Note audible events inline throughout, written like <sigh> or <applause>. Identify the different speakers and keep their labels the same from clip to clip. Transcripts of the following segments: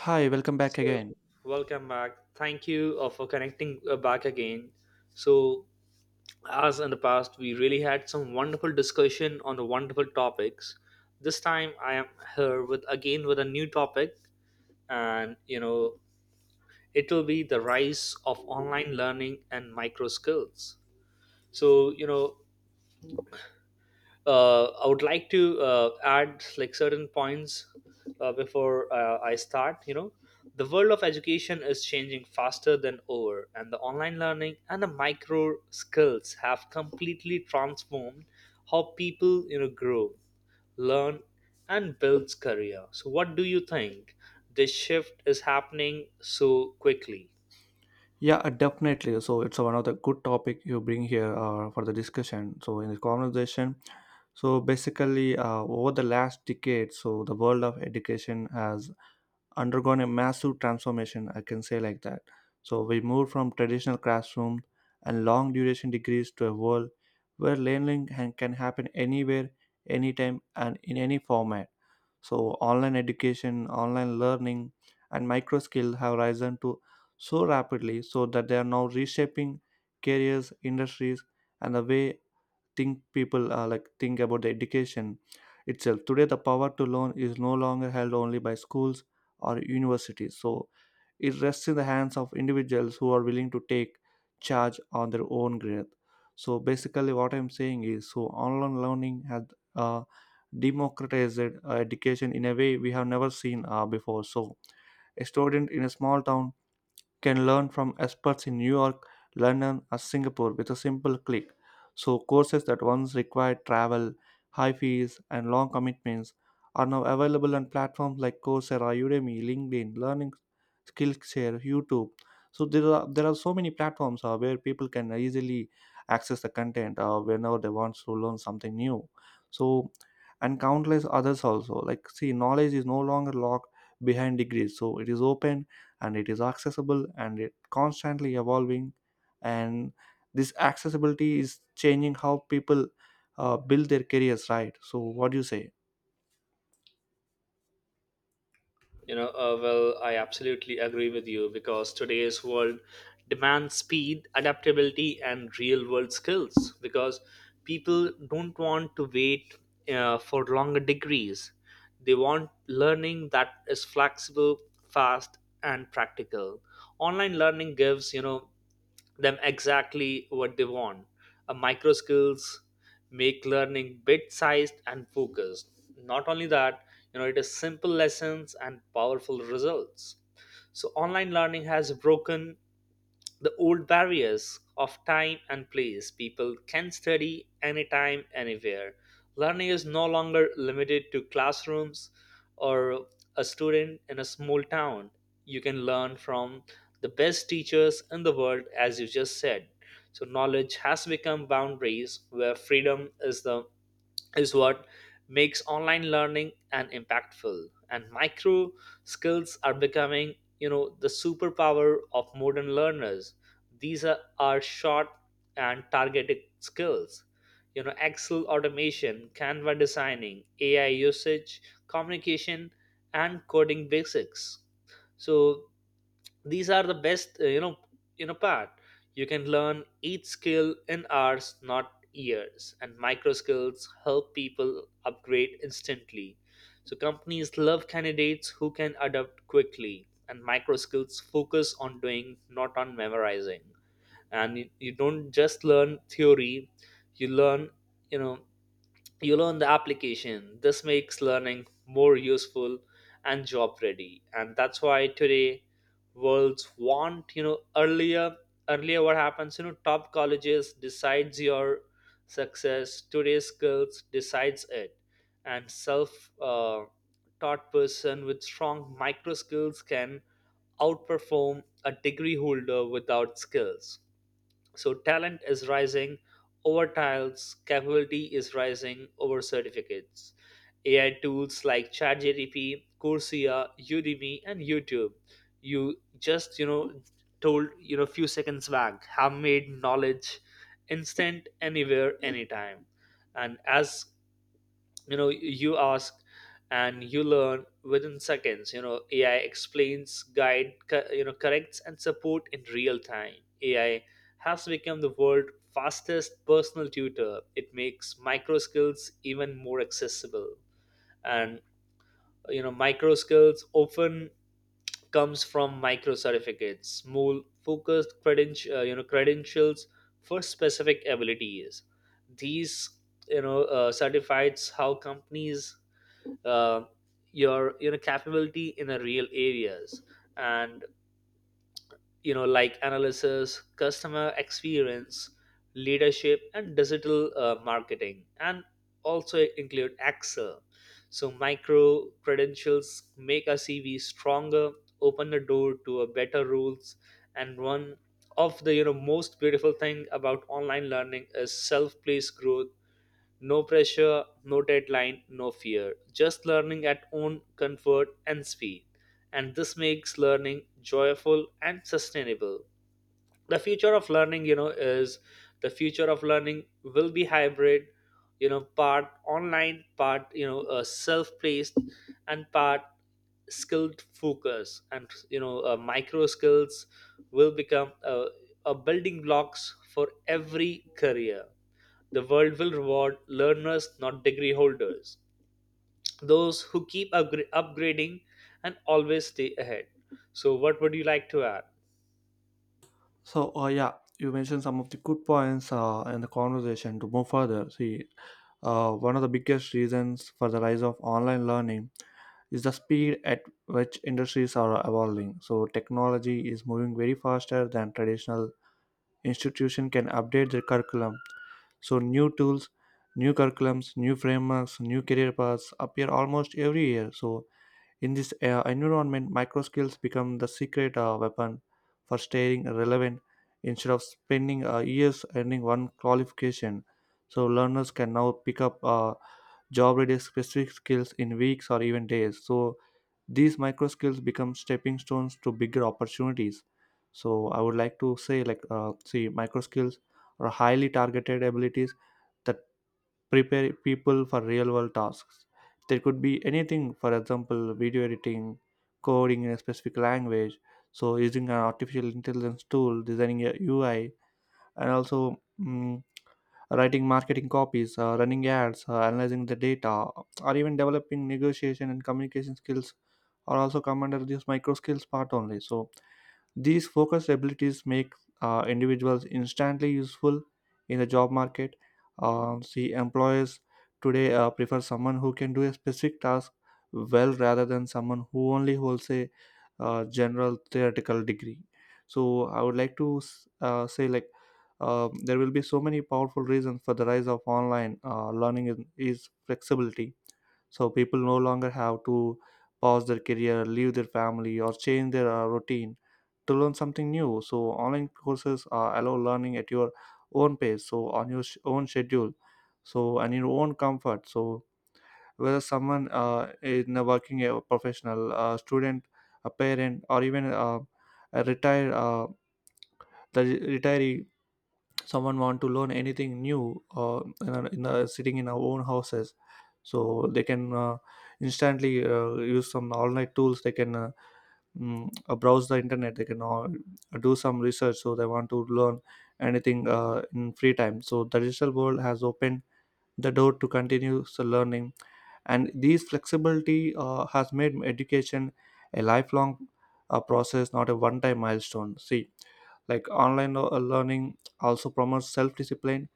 Speaker 1: Hi, welcome back
Speaker 2: So,
Speaker 1: again.
Speaker 2: Welcome back. Thank you for connecting back again. So, as in the past, we really had some wonderful discussion on the wonderful topics. This time, I am here with again with a new topic, and you know, it will be the rise of online learning and micro skills. So, you know, I would like to add like certain points before I start. You know, the world of education is changing faster than ever, and the online learning and the micro skills have completely transformed how people you know grow, learn, and builds career. So, what do you think? This shift is happening so quickly.
Speaker 1: Yeah, definitely. So it's one of the good topic you bring here for the discussion. So in this conversation, so basically over the last decade, so the world of education has undergone a massive transformation, I can say like that. So we moved from traditional classroom and long duration degrees to a world where learning can happen anywhere, anytime, and in any format. So online education, online learning, and micro skill have risen to so rapidly so that they are now reshaping careers, industries, and the way think people like think about the education itself. Today the power to learn is no longer held only by schools or universities, so it rests in the hands of individuals who are willing to take charge on their own growth. So basically what I'm saying is so online learning has uh, democratized education in a way we have never seen before. So a student in a small town can learn from experts in New York, London, or Singapore with a simple click. So, courses that once required travel, high fees, and long commitments are now available on platforms like Coursera, Udemy, LinkedIn, Learning Skillshare, YouTube. So there are so many platforms where people can easily access the content whenever they want to learn something new. So and countless others also. Like see, knowledge is no longer locked behind degrees. So it is open and it is accessible and it constantly evolving. And this accessibility is changing how people build their careers, right? So what do you say?
Speaker 2: You know, well, I absolutely agree with you because today's world demands speed, adaptability, and real world skills because people don't want to wait for longer degrees. They want learning that is flexible, fast, and practical. Online learning gives, you know, them exactly what they want. A micro skills make learning bit sized and focused. Not only that, you know, it is simple lessons and powerful results. So online learning has broken the old barriers of time and place. People can study anytime, anywhere. Learning is no longer limited to classrooms or a student in a small town. You can learn from the best teachers in the world, as you just said. So, knowledge has become boundaries where freedom is the is what makes online learning an impactful and micro skills are becoming you know the superpower of modern learners. These are short and targeted skills, you know, excel automation, canva designing, ai usage, communication, and coding basics. So these are the best you know, you know part. You can learn each skill in hours, not years, and micro skills help people upgrade instantly. So companies love candidates who can adapt quickly, and micro skills focus on doing, not on memorizing. And you don't just learn theory, you learn, you know, you learn the application. This makes learning more useful and job ready, and that's why today worlds want, you know, earlier what happens, you know, top colleges decides your success. Today's skills decides it. And self taught person with strong micro skills can outperform a degree holder without skills. So talent is rising over tiles, capability is rising over certificates. AI tools like ChatGPT, Coursera, Udemy, and YouTube. You just you know told, you know, few seconds back have made knowledge instant anywhere anytime. And as you know you ask and you learn within seconds, you know, ai explains guide you know corrects and support in real time. Ai has become the world's fastest personal tutor. It makes micro skills even more accessible. And you know micro skills often comes from micro certificates, small focused credential you know credentials for specific abilities. These you know certifies how companies uh, your you know capability in the real areas. And you know like analysis, customer experience, leadership and digital marketing, and also include excel. So micro credentials make a cv stronger, open the door to a better rules. And one of the you know most beautiful thing about online learning is self-paced growth. No pressure, no deadline, no fear. Just learning at own comfort and speed. And this makes learning joyful and sustainable. The future of learning, you know, is the future of learning will be hybrid, you know, part online, part, you know, self paced, and part skilled focus. And you know micro skills will become a building blocks for every career. The world will reward learners, not degree holders, those who keep upgrading and always stay ahead. So, what would you like to add?
Speaker 1: So yeah, you mentioned some of the good points in the conversation. To move further, see, one of the biggest reasons for the rise of online learning is the speed at which industries are evolving. So technology is moving very faster than traditional institution can update their curriculum. So, new tools, new curriculums, new frameworks, new career paths appear almost every year. So, in this environment, micro skills become the secret weapon for staying relevant instead of spending years earning one qualification. So, learners can now pick up job ready specific skills in weeks or even days. So, these micro skills become stepping stones to bigger opportunities. So I would like to say like see, micro skills are highly targeted abilities that prepare people for real world tasks. There could be anything, for example, video editing, coding in a specific language, so using an artificial intelligence tool, designing a UI, and also writing marketing copies, running ads, analyzing the data, or even developing negotiation and communication skills are also come under this micro skills part only. So these focused abilities make individuals instantly useful in the job market. See, employers today prefer someone who can do a specific task well rather than someone who only holds a general theoretical degree. So, I would like to say, like, there will be so many powerful reasons for the rise of online learning. Is flexibility. So people no longer have to pause their career, leave their family, or change their routine to learn something new. So online courses allow learning at your own pace, so on your own schedule, so and your own comfort. So whether someone is a working a professional, a student, a parent, or even a retired the retiree, someone want to learn anything new in sitting in our own houses, so they can instantly use some online tools, they can browse the internet, they can all do some research. So they want to learn anything in free time. So the digital world has opened the door to continuous learning, and these flexibility has made education a lifelong process, not a one time milestone. See, like online learning also promotes self discipline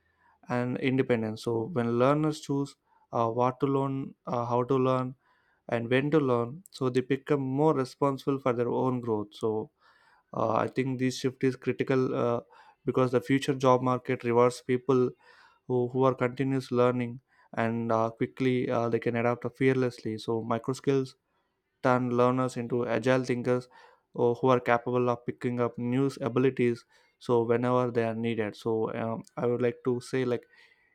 Speaker 1: and independence. So when learners choose what to learn, how to learn, and when to learn, so they become more responsible for their own growth. So I think this shift is critical because the future job market rewards people who are continuous learning and quickly they can adapt fearlessly. So micro skills turn learners into agile thinkers who are capable of picking up new abilities so whenever they are needed. So I would like to say, like,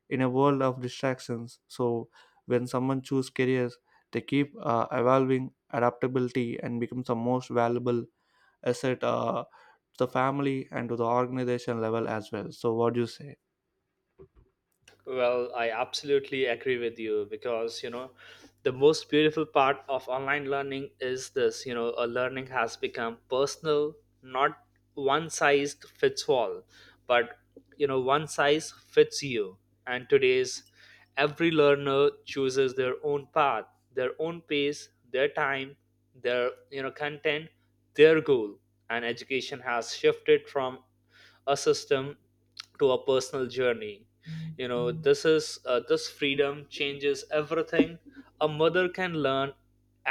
Speaker 1: in a world of distractions, so when someone choose careers, they keep evolving adaptability and becomes the most valuable asset to the family and to the organization level as well. So what do you say?
Speaker 2: Well, I absolutely agree with you because, you know, the most beautiful part of online learning is this, you know, a learning has become personal, not one size fits all, but, you know, one size fits you. And today's every learner chooses their own path, their own pace, their time, their, you know, content, their goal. And education has shifted from a system to a personal journey. You know this is this freedom changes everything. A mother can learn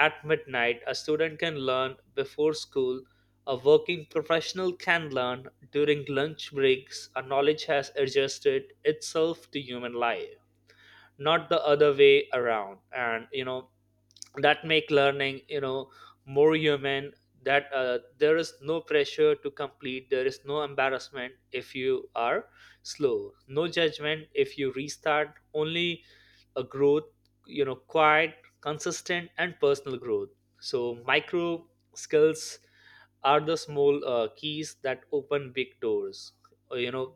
Speaker 2: at midnight, a student can learn before school, a working professional can learn during lunch breaks. A knowledge has adjusted itself to human life, not the other way around. And you know that make learning, you know, more human. That there is no pressure to complete, there is no embarrassment if you are slow, no judgment if you restart, only a growth, you know, quiet, consistent, and personal growth. So micro skills are the small keys that open big doors. You know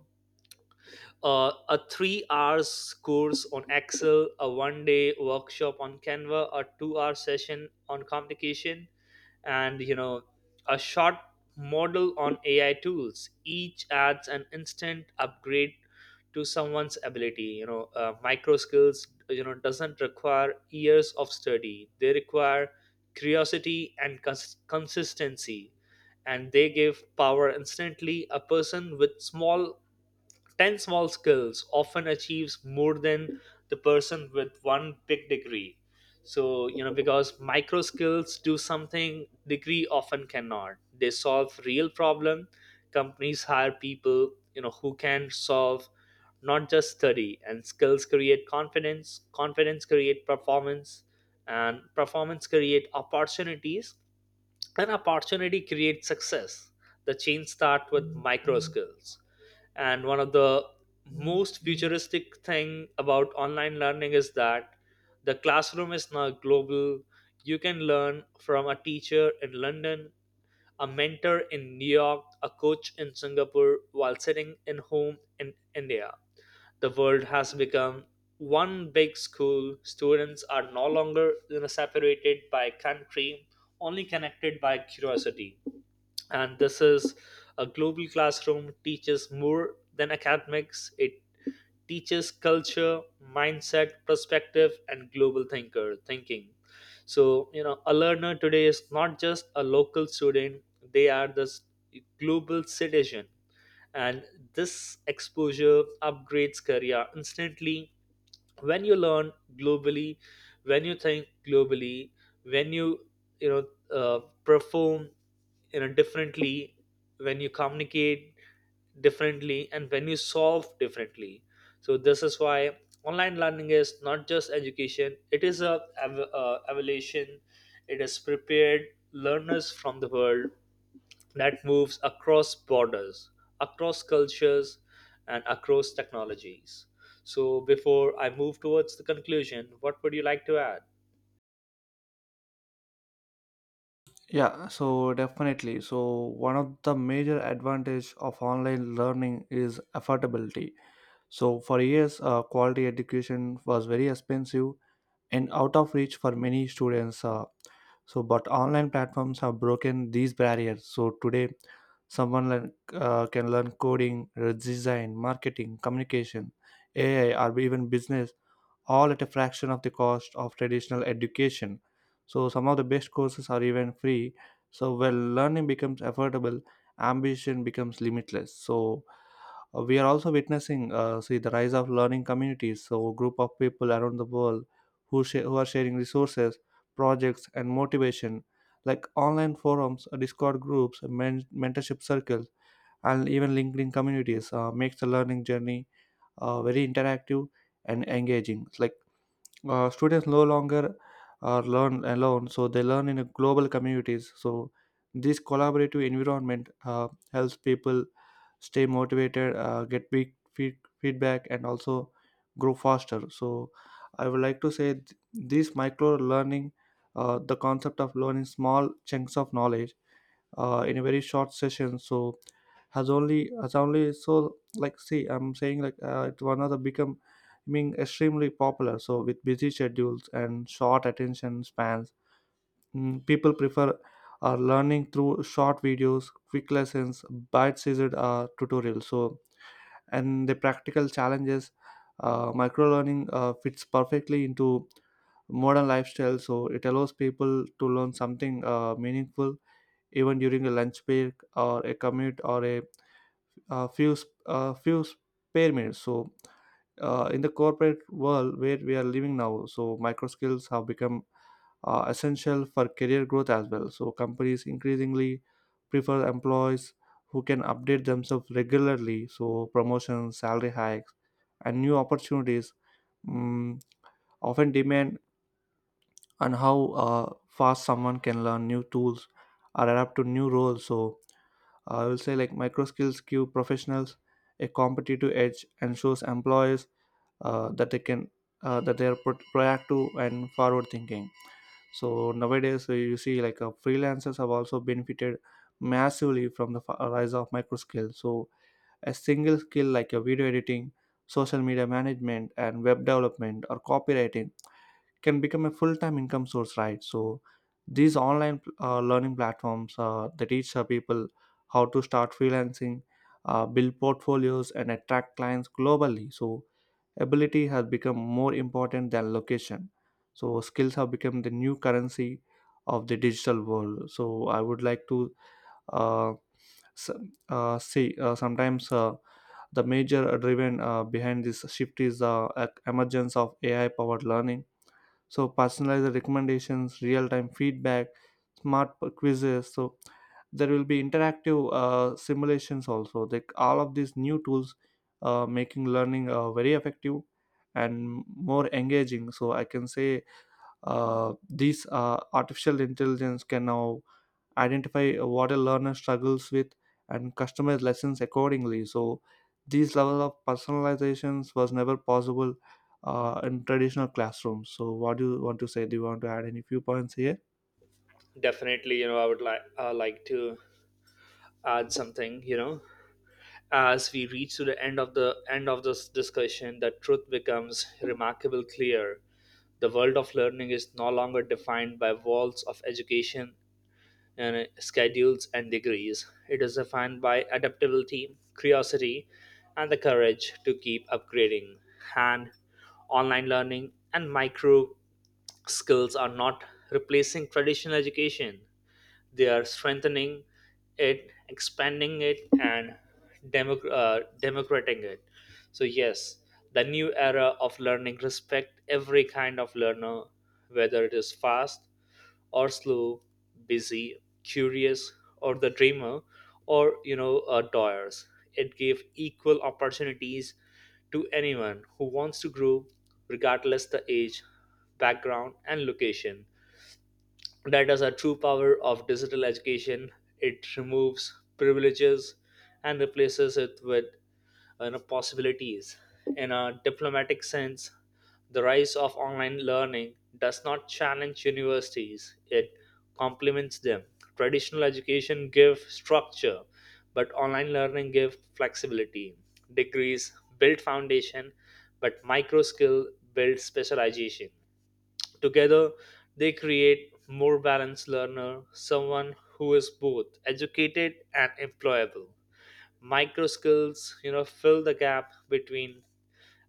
Speaker 2: a 3 hours course on excel, a one day workshop on canva, a 2 hour session on communication, and you know a short model on ai tools, each adds an instant upgrade to someone's ability. You know micro skills you know doesn't require years of study, they require curiosity and consistency, and they give power instantly. A person with small 10 small skills often achieves more than the person with one big degree. So you know because micro skills do something degree often cannot, they solve real problem. Companies hire people, you know, who can solve, not just study. And skills create confidence, confidence create performance, and performance create opportunities. An opportunity creates success. The chain starts with micro skills. And one of the most futuristic thing about online learning is that the classroom is now global. You can learn from a teacher in London, a mentor in New York, a coach in Singapore while sitting in home in India. The world has become one big school. Students are no longer you know separated by country, only connected by curiosity. And this is a global classroom teaches more than academics. It teaches culture, mindset, perspective, and global thinker thinking. So, you know, a learner today is not just a local student, they are this global citizen. And this exposure upgrades career instantly when you learn globally, when you think globally, when you know uh, perform, you know, differently, when you communicate differently, and when you solve differently. So this is why online learning is not just education, it is a evaluation. It has prepared learners from the world that moves across borders, across cultures, and across technologies. So, before I move towards the conclusion, what would you like to add?
Speaker 1: Yeah, so definitely. So one of the major advantage of online learning is affordability. So for years, quality education was very expensive and out of reach for many students. So, but online platforms have broken these barriers. So today, can learn coding, design, marketing, communication, AI, or even business, all at a fraction of the cost of traditional education. So, some of the best courses are even free. So, when learning becomes affordable, ambition becomes limitless. So, we are also witnessing see the rise of learning communities. So, a group of people around the world who are sharing resources, projects, and motivation, like online forums, Discord groups, mentorship circles, and even LinkedIn communities, makes the learning journey very interactive and engaging. It's like students no longer learn alone, so they learn in a global communities. So this collaborative environment helps people stay motivated, get feedback, and also grow faster. So I would like to say this micro learning, the concept of learning small chunks of knowledge in a very short session, so has only so like see I'm saying like it one of the become being extremely popular. So with busy schedules and short attention spans, people prefer learning through short videos, quick lessons, bite-sized tutorials, so and the practical challenges. Micro learning fits perfectly into modern lifestyle. So it allows people to learn something meaningful even during a lunch break or a commute or a few spare minutes. So in the corporate world where we are living now, so micro skills have become essential for career growth as well. So companies increasingly prefer employees who can update themselves regularly. So promotions, salary hikes, and new opportunities mm, often demand on how fast someone can learn new tools or adapt to new roles. So I will say like micro skills give professionals a competitive edge and shows employers uh, that they can that they are proactive and forward thinking. So nowadays you see like freelancers have also benefited massively from the rise of micro skills. So a single skill like a video editing, social media management, and web development or copywriting can become a full-time income source, right? So these online learning platforms they teach people how to start freelancing, build portfolios, and attract clients globally. So ability has become more important than location. So skills have become the new currency of the digital world. So I would like to uh, s- see sometimes the major driven behind this shift is the emergence of AI powered learning. So personalized recommendations, real-time feedback, smart quizzes, so there will be interactive simulations also. Like all of these new tools making learning very effective and more engaging. So I can say these artificial intelligence can now identify what a learner struggles with and customize lessons accordingly. So these level of personalizations was never possible in traditional classrooms. So what do you want to say? Do you want to add any few points here?
Speaker 2: Definitely, you know, I would like to add something. You know, as we reach to the end of this discussion, the truth becomes remarkable clear. The world of learning is no longer defined by walls of education and schedules and degrees. It is defined by adaptability, curiosity, and the courage to keep upgrading. And online learning and micro skills are not replacing traditional education, they are strengthening it, expanding it, and democrating it. So, yes, the new era of learning respect every kind of learner, whether it is fast or slow, busy, curious, or the dreamer, or you know, doers. It gave equal opportunities to anyone who wants to grow, regardless the age, background, and location. That is a true power of digital education. It removes privileges and replaces it with, you know, possibilities. In a diplomatic sense, the rise of online learning does not challenge universities, it complements them. Traditional education gives structure, but online learning gives flexibility. Degrees build foundation, but micro skill build specialization. Together, they create more balanced learner, someone who is both educated and employable. Micro skills you know fill the gap between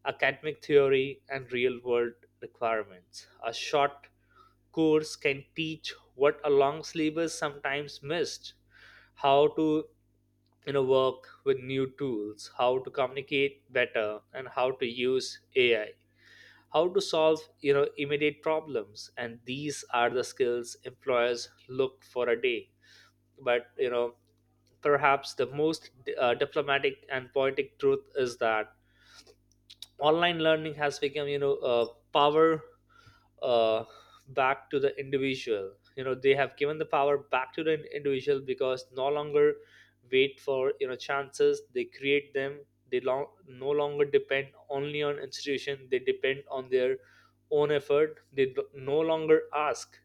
Speaker 2: academic theory and real world requirements. A short course can teach what a long syllabus sometimes missed: how to, you know, work with new tools, how to communicate better, and how to use ai, how to solve, you know, immediate problems. And these are the skills employers look for a day. But you know perhaps the most diplomatic and poetic truth is that online learning has become, you know, a power uh, back to the individual. You know, they have given the power back to the individual because no longer wait for you know chances. They create them. They long, no longer depend only on institution. They depend on their own effort. They no longer ask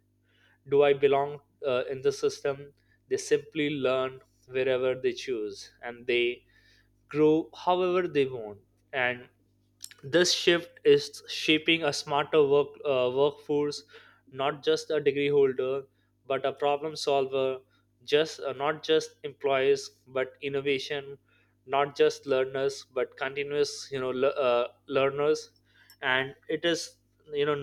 Speaker 2: do I belong in the system, they simply learn wherever they choose, and they grow however they want. And this shift is shaping a smarter workforce, not just a degree holder but a problem solver, just not just employees but innovation, not just learners but continuous, you know, learners. And it is, you know,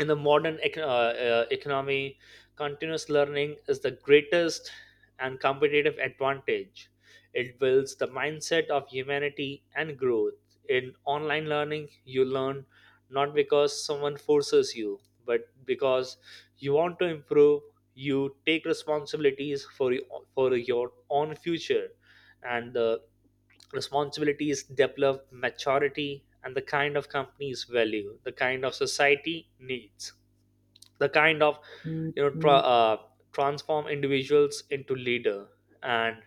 Speaker 2: in the modern economy, continuous learning is the greatest and competitive advantage. It builds the mindset of humanity and growth. In online learning, you learn not because someone forces you, but because you want to improve. You take responsibilities for for your own future, and the responsibilities develop maturity and the kind of companies value, the kind of society needs, the kind of, you know, transform individuals into leader. And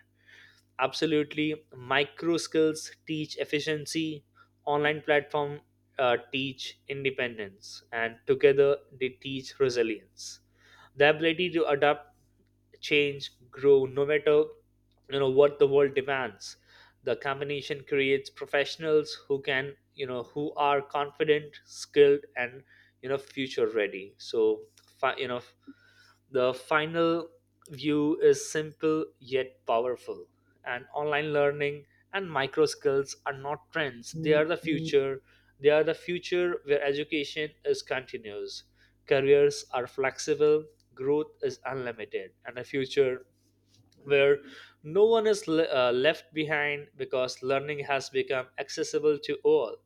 Speaker 2: absolutely, micro skills teach efficiency, online platform teach independence, and together they teach resilience, the ability to adapt, change, grow no matter, you know, what the world demands. The combination creates professionals who can, you know, who are confident, skilled, and, you know, future ready. So you know the final view is simple yet powerful, and online learning and micro skills are not trends, they are the future. They are the future where education is continuous, careers are flexible, growth is unlimited, and the future where no one is left behind because learning has become accessible to all.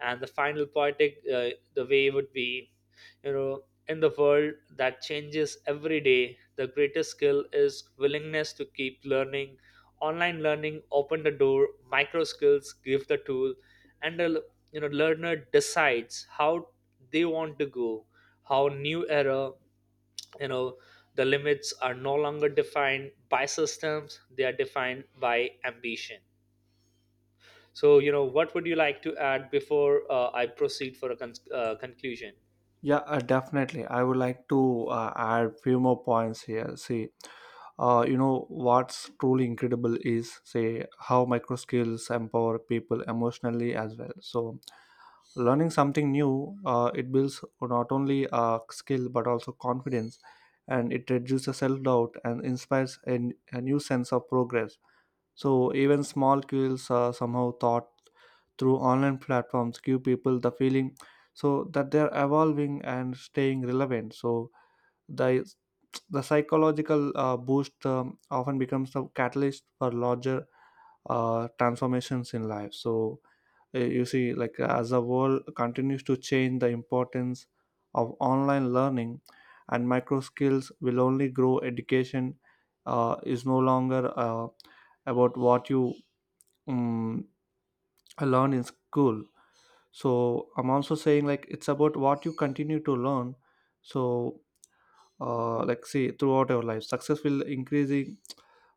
Speaker 2: And the final poetic, the way would be, you know, in the world that changes every day, the greatest skill is willingness to keep learning. Online learning open the door, micro skills give the tool, and the you know learner decides how they want to go, how new era, you know, the limits are no longer defined by systems, they are defined by ambition. So you know what would you like to add before I proceed for a conclusion.
Speaker 1: Yeah, definitely. I would like to add few more points here. See, you know what's truly incredible is say how micro skills empower people emotionally as well. So, learning something new, it builds not only skill but also confidence, and it reduces self doubt and inspires a new sense of progress. So even small kills are somehow thought through online platforms, give people the feeling so that they're evolving and staying relevant. So the the psychological boost often becomes the catalyst for larger transformations in life. So you see, like as the world continues to change, the importance of online learning and micro skills will only grow. Education is no longer about what you um, I learned in school. So I'm also saying like it's about what you continue to learn. So like see throughout your life, success will increasing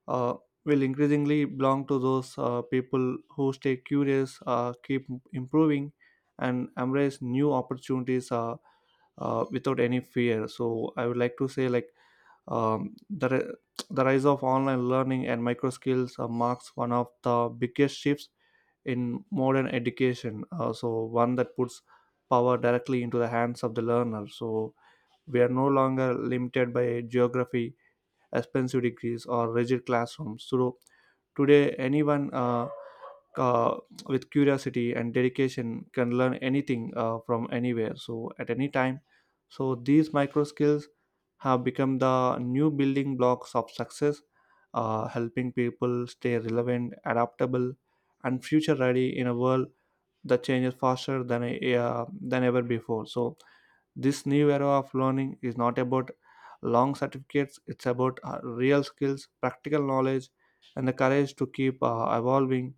Speaker 1: uh, will increasingly belong to those people who stay curious, keep improving, and embrace new opportunities without any fear. So I would like to say like um, the, ri- the rise of online learning and micro skills marks one of the biggest shifts in modern education. So, one that puts power directly into the hands of the learner. So, we are no longer limited by geography, expensive degrees, or rigid classrooms. So today, anyone uh, with curiosity and dedication can learn anything from anywhere, so at any time. So these micro skills have become the new building blocks of success, helping people stay relevant, adaptable, and future ready in a world that changes faster than ever before. So this new era of learning is not about long certificates, it's about real skills, practical knowledge, and the courage to keep evolving.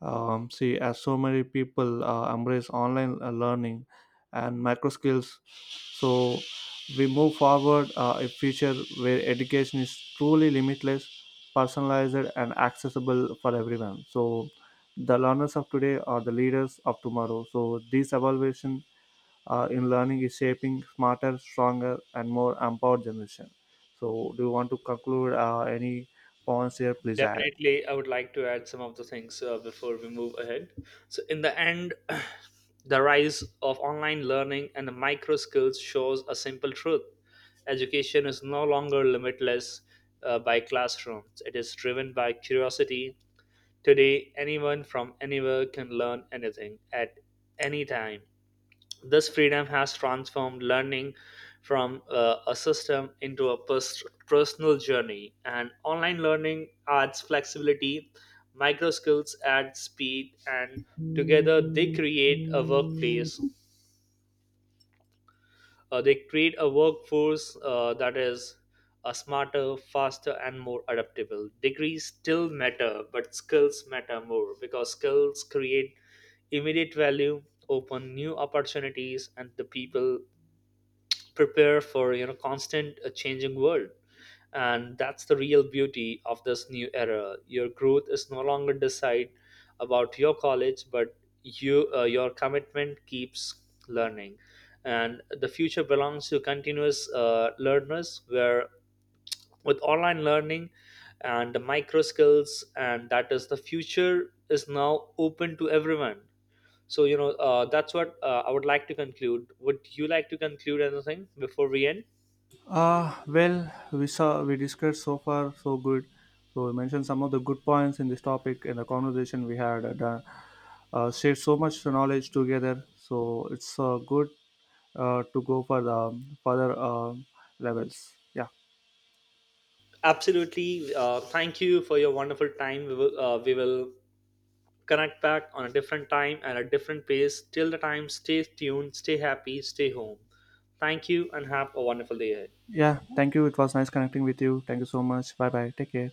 Speaker 1: See, as so many people embrace online learning and micro skills, so we move forward a future where education is truly limitless, personalized, and accessible for everyone. So, the learners of today are the leaders of tomorrow. So, this evaluation in learning is shaping smarter, stronger, and more empowered generation. So, do you want to conclude any points here? Please add.
Speaker 2: Definitely I would like to add some of the things before we move ahead. So in the end <clears throat> the rise of online learning and the micro skills shows a simple truth. Education is no longer limitless by classrooms, it is driven by curiosity. Today, anyone from anywhere can learn anything at any time. This freedom has transformed learning from a system into a personal journey, and online learning adds flexibility, micro skills add speed, and together they create a workplace. They create a workforce that is a smarter, faster, and more adaptable. Degrees still matter, but skills matter more because skills create immediate value, open new opportunities, and the people prepare for you know constant changing world. And that's the real beauty of this new era: your growth is no longer decide about your college, but you your commitment keeps learning, and the future belongs to continuous learners where with online learning and the micro skills, and that is the future is now open to everyone. So you know that's what I would like to conclude. Would you like to conclude anything before we end?
Speaker 1: Well, we saw we discussed so far so good. So we mentioned some of the good points in this topic in the conversation we had and, shared so much knowledge together. So it's good to go for the further levels. Yeah,
Speaker 2: Absolutely. Thank you for your wonderful time. We will connect back on a different time and a different pace. Till the time, stay tuned, stay happy, stay home. Thank you, and have a wonderful day ahead.
Speaker 1: yeah. Thank you. It was nice connecting with you. Thank you so much. Bye bye. Take care.